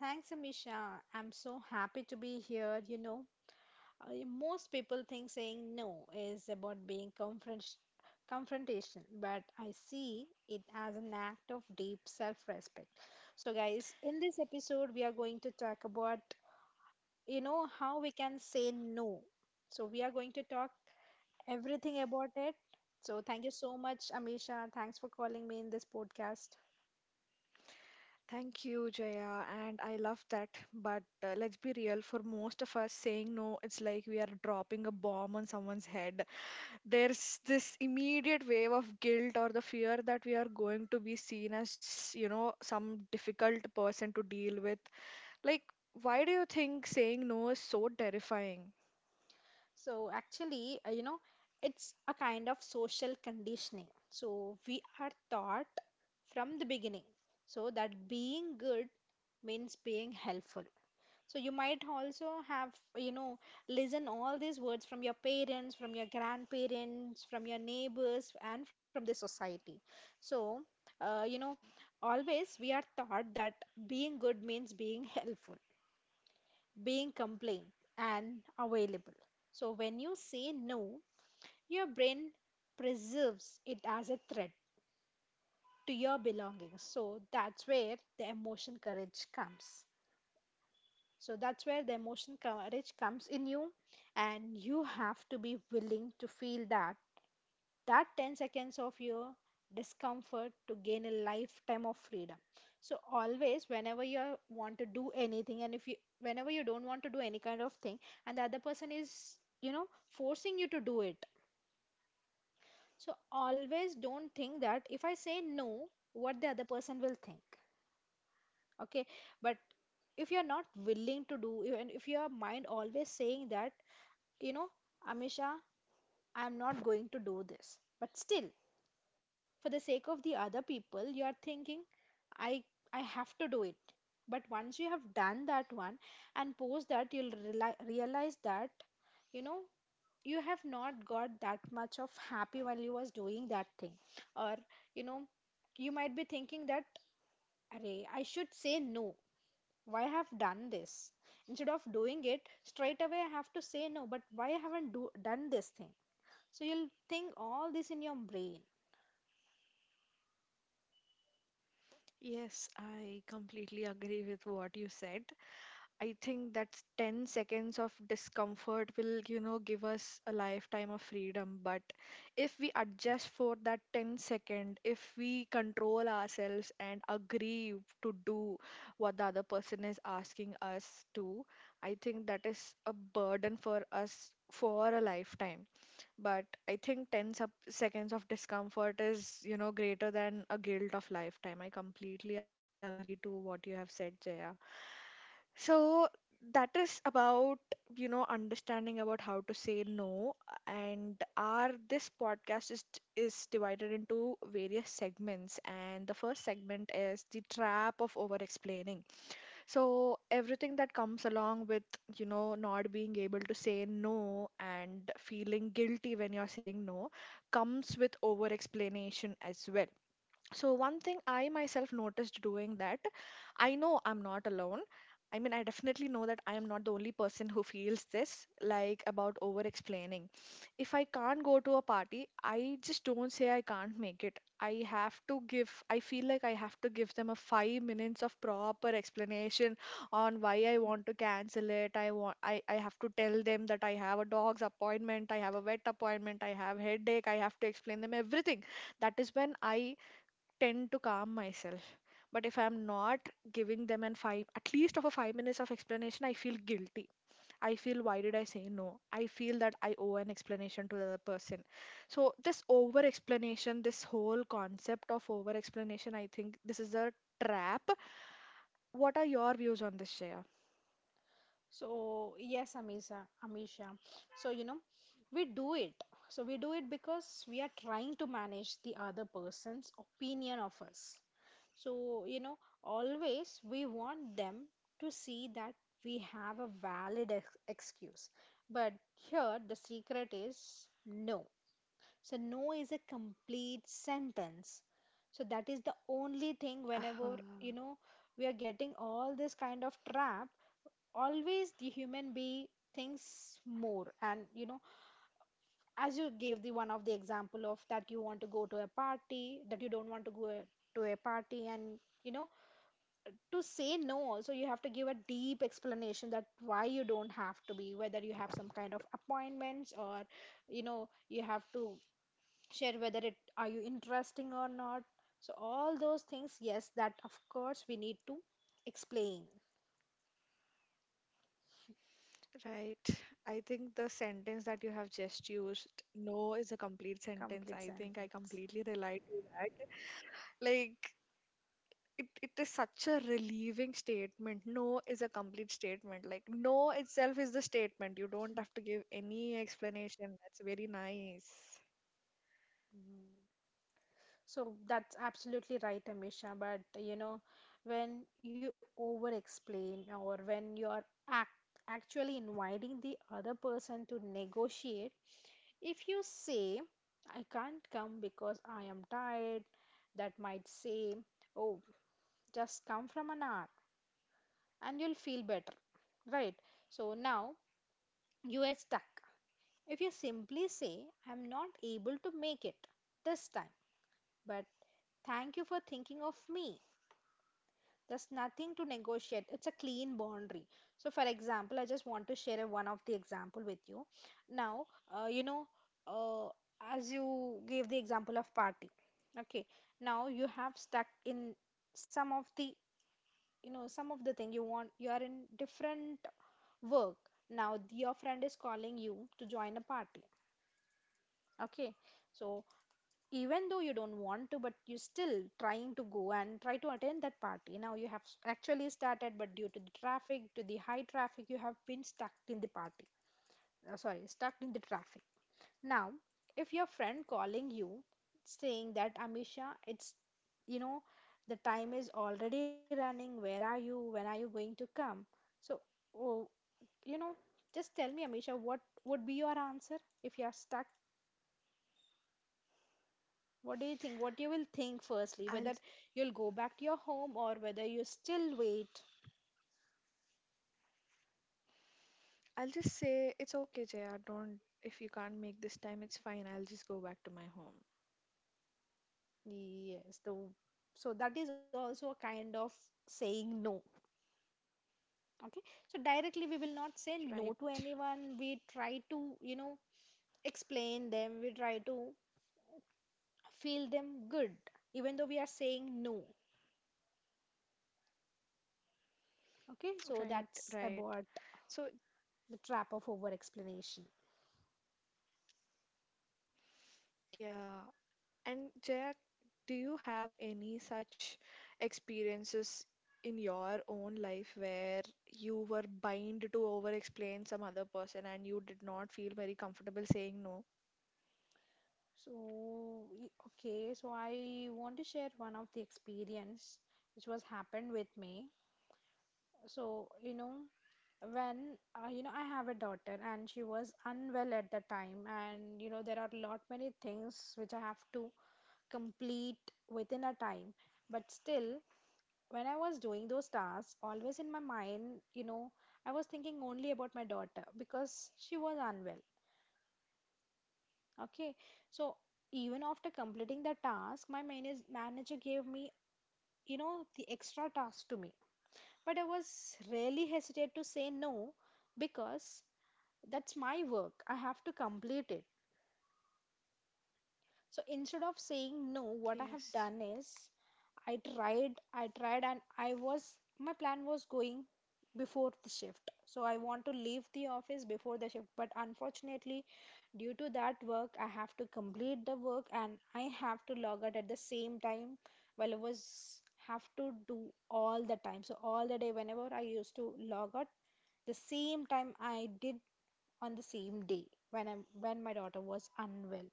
Thanks, Amisha. I'm so happy to be here. Most people think saying no is about confrontation, but I see it as an act of deep self respect. So, guys, in this episode, we are going to talk about, how we can say no. So, we are going to talk everything about it. So, thank you so much, Amisha. Thanks for calling me in this podcast. So actually, it's a kind of social conditioning. So we are taught from the beginning so that being good means being helpful. So you might also have, listen all these words from your parents, from your grandparents, from your neighbors, and from the society. So, uh, you know, Always we are taught that being good means being helpful, being compliant, and available. So when you say no, your brain preserves it as a threat to your belongings. So that's where the emotion courage comes in you, and you have to be willing to feel that 10 seconds of your discomfort to gain a lifetime of freedom. So always whenever you want to do anything, and if you whenever you don't want to do any kind of thing and the other person is, you know forcing you to do it, so always don't think that if I say no, what the other person will think. Okay. But if you're not willing to do, and if your mind always saying that, you know Amisha, I'm not going to do this, but still, for the sake of the other people, you are thinking I I have to do it. But once you have done that one and post that, you'll realize that, you know you have not got that much of happy while you was doing that thing, or you know you might be thinking that array, I should say no. Why I have done this? Instead of doing it straight away, I have to say no. But why I haven't done this thing? So you'll think all this in your brain. So yes, Amisha. So we do it. So we do it because we are trying to manage the other person's opinion of us. So always we want them to see that we have a valid excuse. But here the secret is no. So no is a complete sentence. So that is the only thing. Whenever we are getting all this kind of trap, always the human being thinks more, and as you gave the one of the example of that you want to go to a party, that you don't want to go to a party, and to say no, also you have to give a deep explanation that why you don't have to be, whether you have some kind of appointments or you have to share whether it are you interesting or not. So all those things, yes, that of course we need to explain. Complete sentence. Mm. So that's absolutely right, Amisha. But when you over explain or when you're act actually inviting the other person to negotiate, if you say, I can't come because I am tired, that might say, oh, just come from an hour and you'll feel better, right? So now you are stuck. If you simply say, I'm not able to make it this time, but thank you for thinking of me. There's nothing to negotiate. It's a clean boundary. So, for example, I just want to share a, one of the example with you. Now, uh, you know, uh, as you gave the example of party, okay. Now you have stuck in some of the, some of the thing you want. You are in different work. Now your friend is calling you to join a party. Okay. So even though you don't want to, but you still trying to go and try to attend that party. Now you have actually started, but due to the traffic, to the high traffic, you have been stuck in the party, sorry, stuck in the traffic. Now if your friend calling you saying that Amisha, it's, you know the time is already running, where are you, when are you going to come. So, oh, you know just tell me Amisha, what would be your answer if you are stuck. What do you think? What you will think firstly, whether you'll go back to your home or whether you still wait. Yes, the so that is also a kind of saying no. Okay, so directly we will not say no to anyone. We try to, explain them. We try to feel them good, even though we are saying no. Okay, so that's about the trap of over explanation. So, okay, so I want to share one of the experience which was happened with me. So, when I have a daughter, and she was unwell at the time, and you know there are lot many things which I have to complete within a time. But still, when I was doing those tasks, always in my mind, I was thinking only about my daughter because she was unwell. Okay, so even after completing the task, my manager gave me, the extra task to me. But I was really hesitant to say no because that's my work. I have to complete it. So instead of saying no, what I have done is I tried, and my plan was going before the shift. So I want to leave the office before the shift. But unfortunately, due to that work, I have to complete the work, and I have to log out at the same time while I was have to do all the time. So all the day, whenever I used to log out, the same time I did on the same day when I when my daughter was unwell.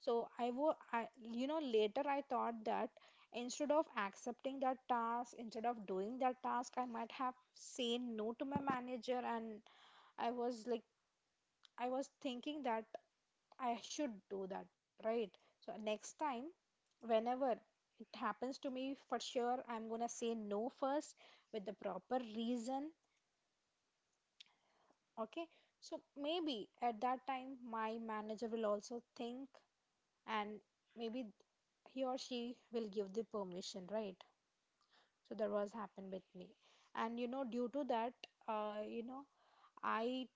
So you know, later I thought that instead of accepting that task, instead of doing that task, I might have said no to my manager, and I was like, I was thinking that I should do that, right? So next time, whenever it happens to me, for sure, I'm gonna say no first with the proper reason, okay? So maybe at that time, my manager will also think, and maybe he or she will give the permission, right. So that was happened with me, and you know due to that, uh, you know i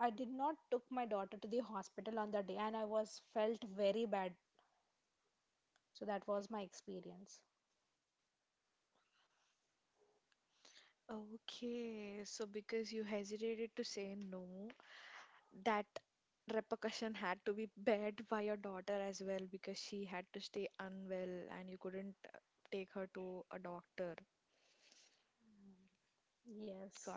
I did not took my daughter to the hospital on that day, and I was felt very bad. So that was my experience. Yes.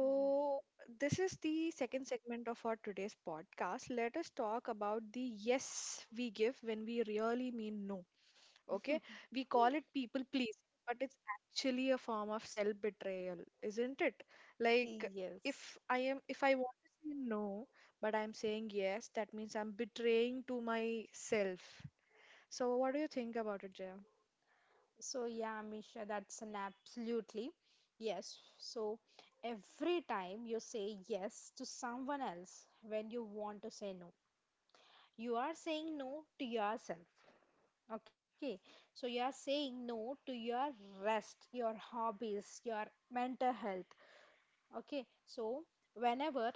Mhm. Yes. So yeah, Misha, that's an absolutely yes. So every time you say yes to someone else when you want to say no, you are saying no to yourself. Okay. So you are saying no to your rest, your hobbies, your mental health. Okay, so whenever,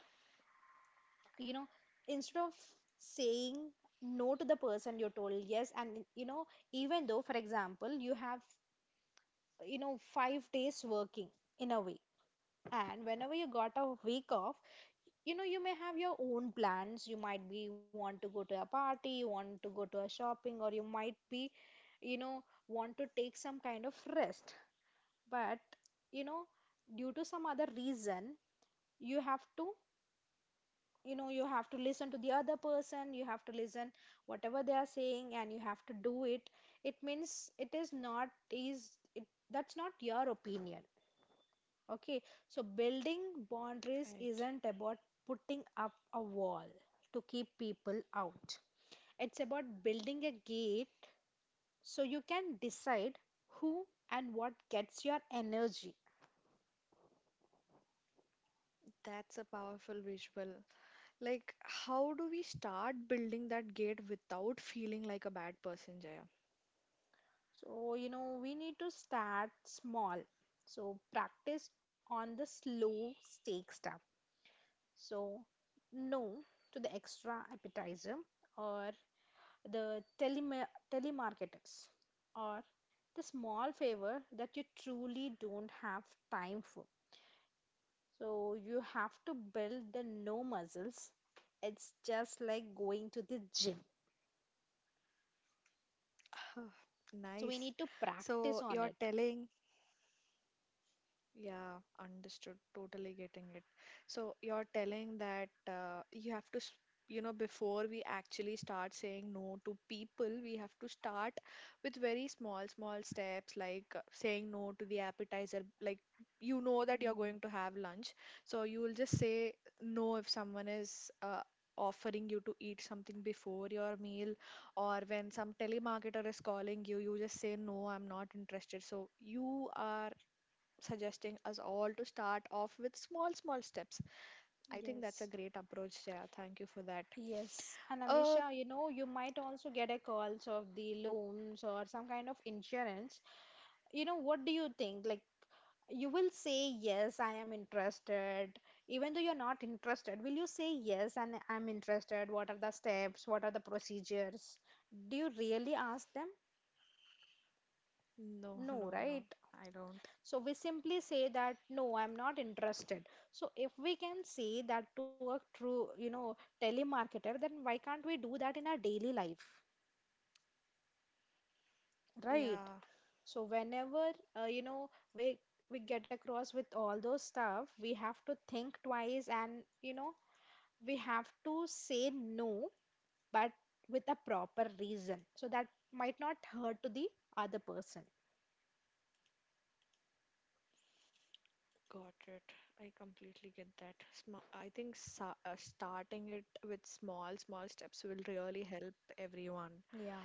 you know instead of saying no to the person you told yes, and even though for example you have, 5 days working in a week, and whenever you got a week off, you may have your own plans, you might be want to go to a party, you want to go to a shopping, or you might be, want to take some kind of rest. But, you know due to some other reason, you have to, you have to listen to the other person, you have to listen whatever they are saying, and you have to do it. It means it is not, is it, that's not your opinion. Okay, so building boundaries isn't about putting up a wall to keep people out. It's about building a gate so you can decide who and what gets your energy. So, we need to start small. So, practice on the slow stake stuff. So, no to the extra appetizer, or the telemarketers, or the small favor that you truly don't have time for. So you have to build the no muscles. It's just like going to the gym. So we need to practice on it. Mm, yes. Yes. And Amisha, you might also get a calls of the loans or some kind of insurance. You know, what do you think? Like, you will say, yes, I am interested. Even though you're not interested, will you say, yes, and I'm interested? What are the steps? What are the procedures? Do you really ask them? No, right? So we simply say that, no, I'm not interested. So if we can say that to a true, telemarketer, then why can't we do that in our daily life? Right. So whenever uh, you know we we get across with all those stuff, we have to think twice, and we have to say no, but with a proper reason, so that might not hurt to the other person. Yeah,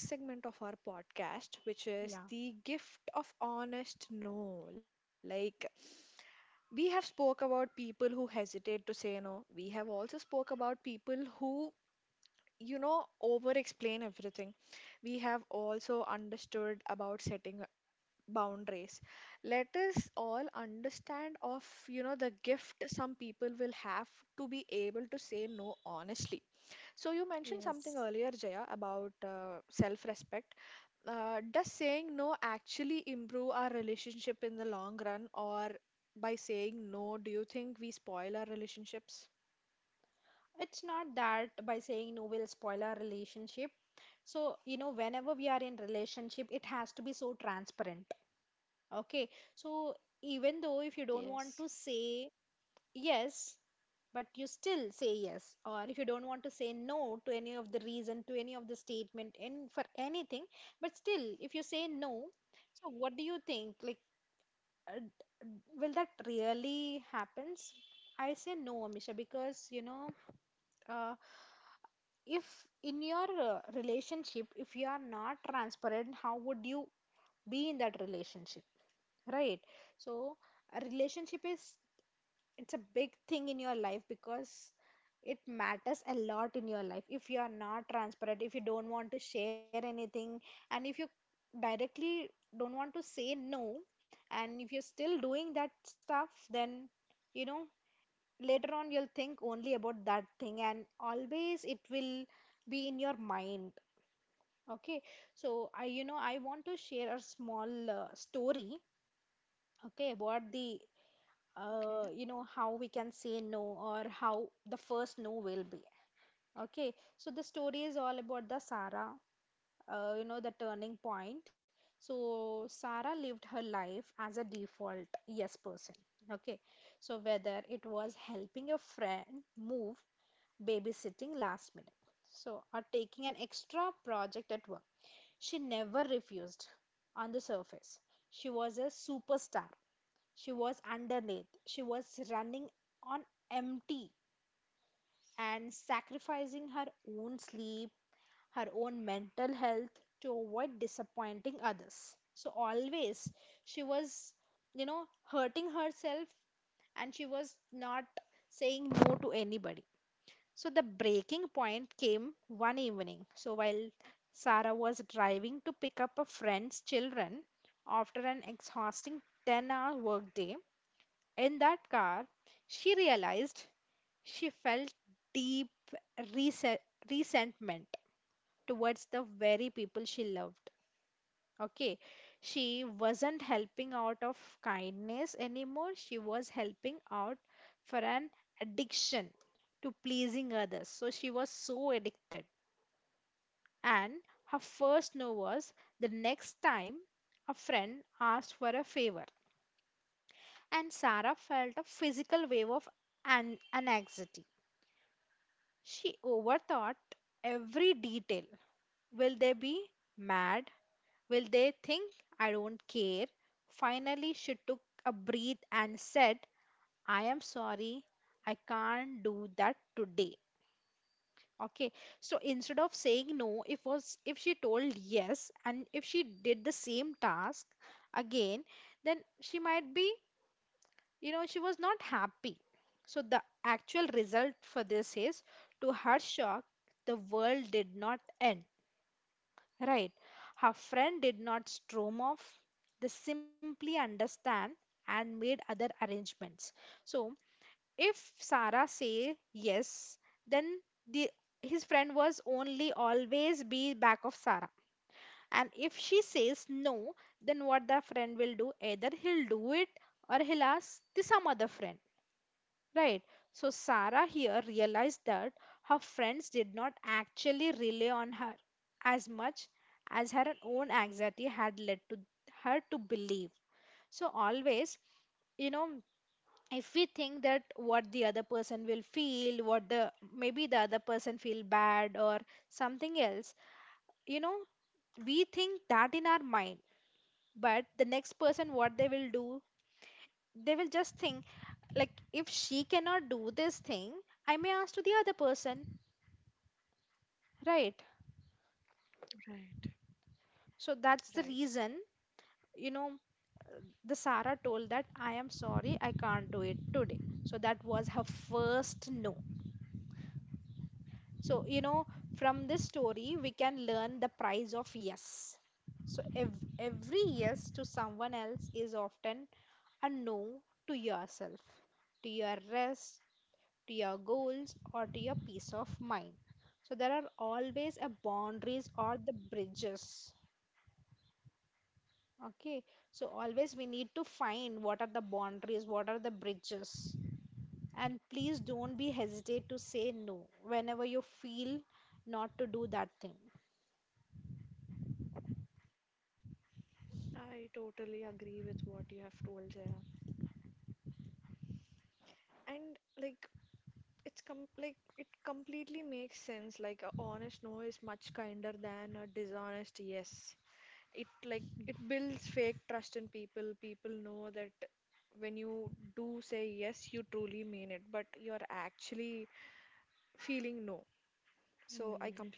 yeah, yes. It's not that by saying no will spoil our relationship. So, whenever we are in relationship, it has to be so transparent. Okay. So, even though if you don't want to say yes but you still say yes, or if you don't want to say no to any of the reason, to any of the statement, and for anything, but still if you say no, so what do you think, uh, d- will that really happens? I say no, Amisha, because uh, if in your relationship if you are not transparent, how would you be in that relationship? Right. So a relationship is, it's a big thing in your life, because it matters a lot in your life. If you are not transparent, if you don't want to share anything, and if you directly don't want to say no, and if you're still doing that stuff, then you know later on you'll think only about that thing, and always it will be in your mind. Okay. So I you know I want to share a small story. Okay, about the how we can say no, or how the first no will be. Okay, so the story is all about the Sarah. The turning point. So Sarah lived her life as a default yes person. Okay. So whether it was helping a friend move, babysitting last minute, so or taking an extra project at work, she never refused. On the surface she was a superstar. She was underneath. She was running on empty and sacrificing her own sleep, her own mental health, to avoid disappointing others. So, always she was, you know, hurting herself, and she was not saying no to anybody. So, the breaking point came one evening. So, while Sarah was driving to pick up a friend's children after an exhausting 10-hour workday, in that car, she realized she felt deep rese- resentment towards the very people she loved. Okay, she wasn't helping out of kindness anymore, she was helping out for an addiction to pleasing others. So she was so addicted. And her first no was the next time a friend asked for a favor. And Sarah felt a physical wave of anxiety. She overthought every detail. Will they be mad? Will they think I don't care? Finally, she took a breath and said, I am sorry, I can't do that today. Okay, so instead of saying no, if she told yes, and if she did the same task again, then she might be, she was not happy. So the actual result for this is, to her shock, the world did not end. Right. Her friend did not storm off, they simply understand and made other arrangements. So if Sarah say yes, then the his friend was only always be back of Sarah. And if she says no, then what the friend will do, either he'll do it or he'll ask the some other friend. Right. So Sarah here realized that her friends did not actually rely on her as much as her own anxiety had led to her to believe. So always, you know, if we think that what the other person will feel, what the maybe the other person feel bad or something else, you know, we think that in our mind. But the next person, what they will do, they will just think like, if she cannot do this thing, I may ask to the other person. Right. So that's the reason, you know the Sarah told that I am sorry, I can't do it today. So that was her first no. So from this story we can learn the price of yes. So every yes to someone else is often a no to yourself, to your rest, to your goals, or to your peace of mind. So there are always a boundaries or the bridges. Okay, so always we need to find what are the boundaries, what are the bridges, and please don't be hesitate to say no whenever you feel not to do that thing. Mm,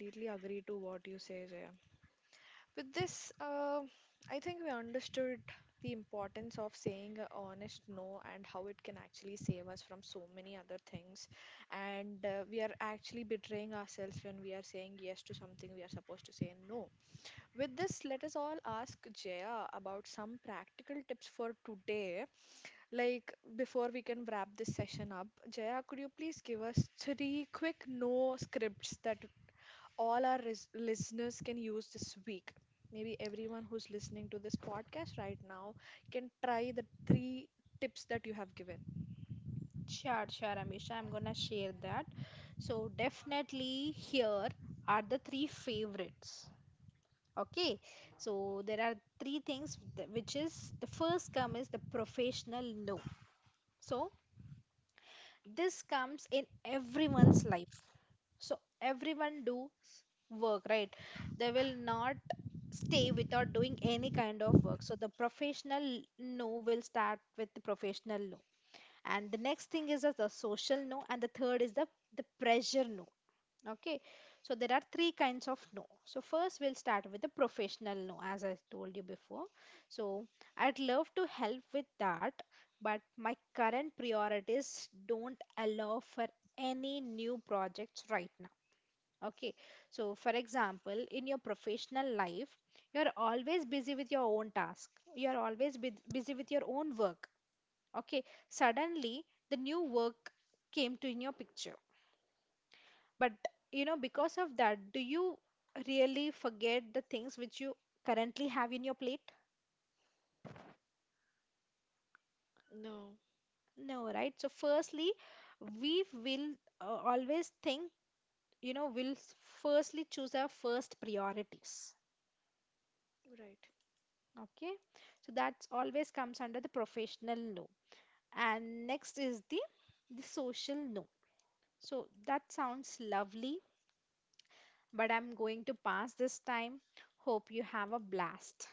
sure, sure, Amisha. I'm gonna share that. So, definitely, here are the three favorites. Okay, so there are three things which is the first come is the professional no. So this comes in everyone's life. So everyone do work, right? They will not stay without doing any kind of work. So the professional no will start with the professional no. And the next thing is the social no, and the third is the pressure no. Okay, so there are three kinds of no. So, first, we'll start with the professional no, as I told you before. So, I'd love to help with that, but my current priorities don't allow for any new projects right now. Okay, so for example, in your professional life, you're always busy with your own task, you're always busy with your own work. Okay, suddenly the new work came to in your picture, but because of that, do you really forget the things which you currently have in your plate? No, right? So, firstly, we will always think, you know, we'll s- firstly choose our first priorities. Okay. So, that's always comes under the professional no. And next is the social no. So, that sounds lovely, but I'm going to pass this time. Hope you have a blast.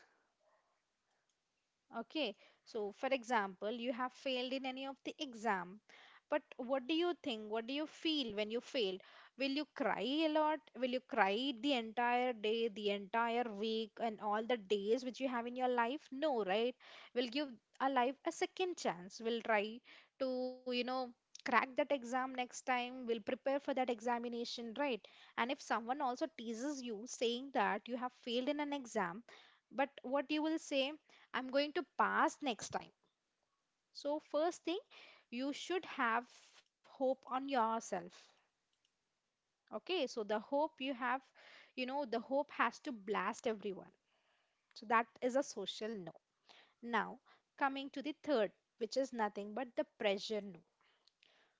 Okay, so for example, you have failed in any of the exam, but what do you think? What do you feel when you failed? Will you cry a lot? Will you cry the entire day, the entire week, and all the days which you have in your life? No, right? We'll give a life a second chance. We'll try to, crack that exam next time. We'll prepare for that examination, right? And if someone also teases you saying that you have failed in an exam, but what you will say? I'm going to pass next time. So, first thing, you should have hope on yourself. Okay, so the hope you have, the hope has to blast everyone. So, that is a social no. Now, coming to the third, which is nothing but the pressure no.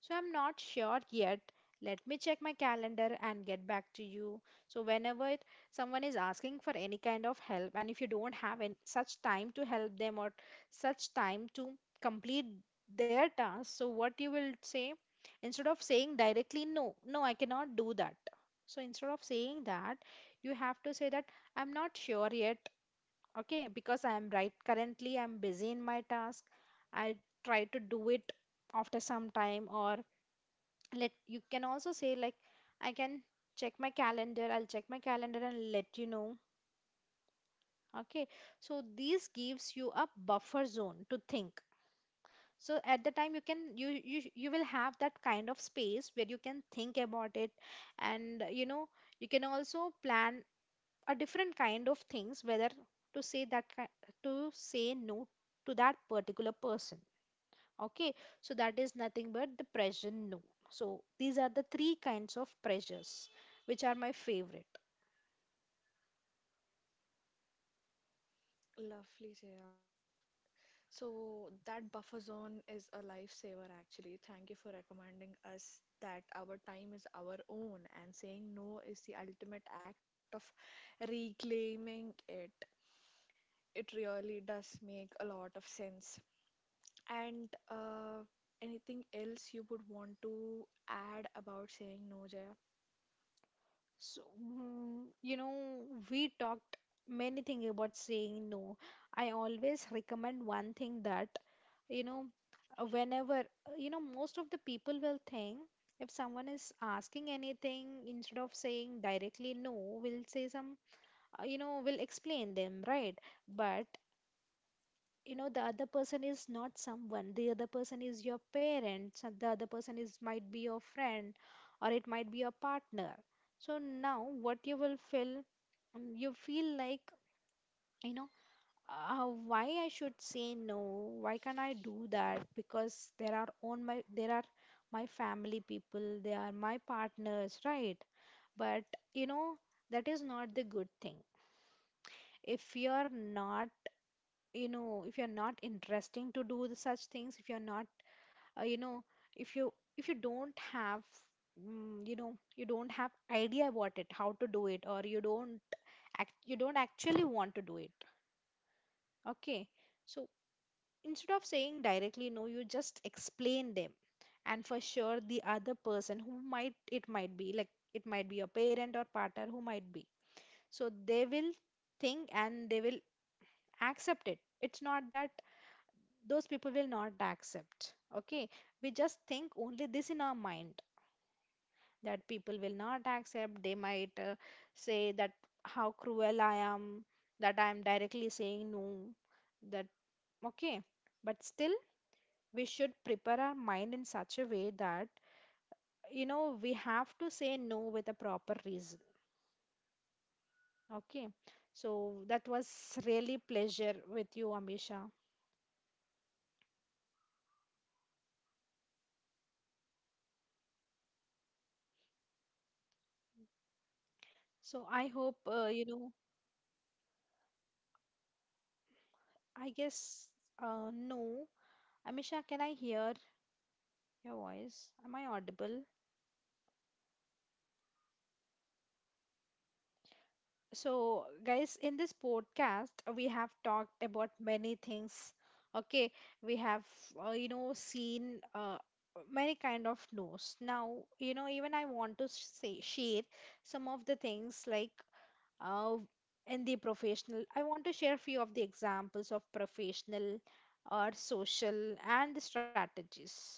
So I'm not sure yet. Let me check my calendar and get back to you. So whenever someone is asking for any kind of help, and if you don't have any such time to help them, or such time to complete their task, so what you will say instead of saying directly no, no, I cannot do that. So instead of saying that, you have to say that I'm not sure yet. Okay, because I'm right currently I'm busy in my task. I'll try to do it after some time, or let you can also say like I can check my calendar, I'll check my calendar and let you know. Okay, so this gives you a buffer zone to think. So at the time you can, you will have that kind of space where you can think about it, and you can also plan a different kind of things, whether to say to say no to that particular person. Okay, so that is nothing but the pressure no. So these are the three kinds of pressures which are my favorite. So mm, we talked many things about saying no. I always recommend one thing, that you know whenever you know most of the people will think, if someone is asking anything instead of saying directly no, will say some, will explain them, right? But the other person is not someone, the other person is your parents, and the other person is might be your friend, or it might be your partner. So now what you will feel? You feel like, you know why I should say no? Why can't I do that, because there are on my, there are my family people, they are my partners, right? But you know that is not the good thing. If you're not, if you're not interesting to do the such things, if you're not, uh, you know if you, if you don't have, you don't have idea about it how to do it, or you don't act, you don't actually want to do it. Okay. So instead of saying directly no, you just explain them. And for sure the other person who might, it might be your parent or partner who might be, so they will think and they will accept it. It's not that those people will not accept. Okay, we just think only this in our mind, that people will not accept. They might say that how cruel I am, that I am directly saying no, that, okay. But still, we should prepare our mind in such a way that we have to say no with a proper reason. Okay, so that was really pleasure with you, Amisha. So I hope I guess, no, Amisha. Can I hear your voice? Am I audible? So, guys, in this podcast, we have talked about many things. Okay, we have, seen many kind of news. Now, even I want to say share some of the things like, uh, in the professional. I want to share few of the examples of professional or social and the strategies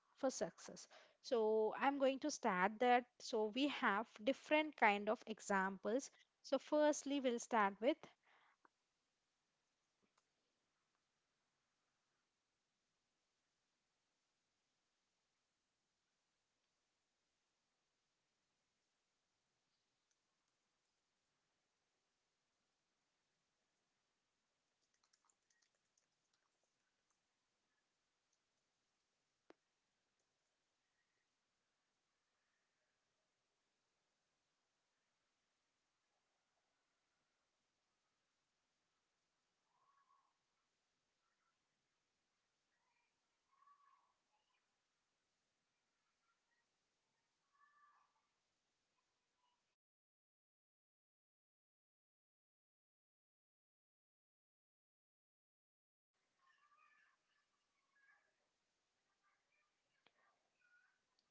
for success. So I'm going to start that. So we have different kind of examples. So firstly we'll start with,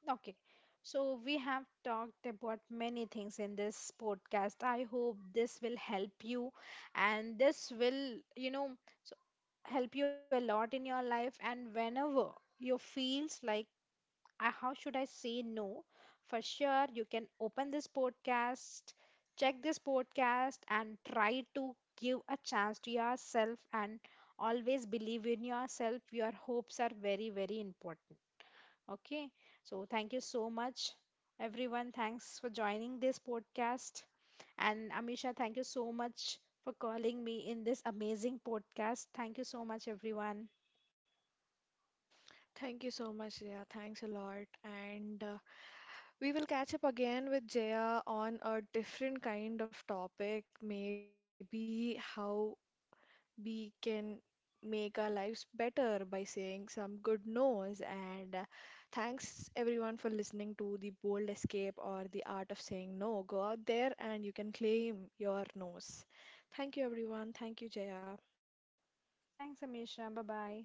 okay, so we have talked about many things in this podcast. I hope this will help you, and this will, so help you a lot in your life. And whenever you feels like, I, how should I say no? For sure, you can open this podcast, check this podcast, and try to give a chance to yourself, and always believe in yourself. Your hopes are very, very important. Okay, so thank you so much, everyone. Thanks for joining this podcast. And Amisha, thank you so much for calling me in this amazing podcast. Thank you so much, everyone. Thank you so much, Jaya. Thanks a lot. And We will catch up again with Jaya on a different kind of topic, maybe how we can make our lives better by saying some good no's. And Thanks everyone for listening to The Bold Escape or The Art of Saying No. Go out there and you can claim your no's. Thank you, everyone. Thank you, Jaya. Thanks, Amisha. Bye bye.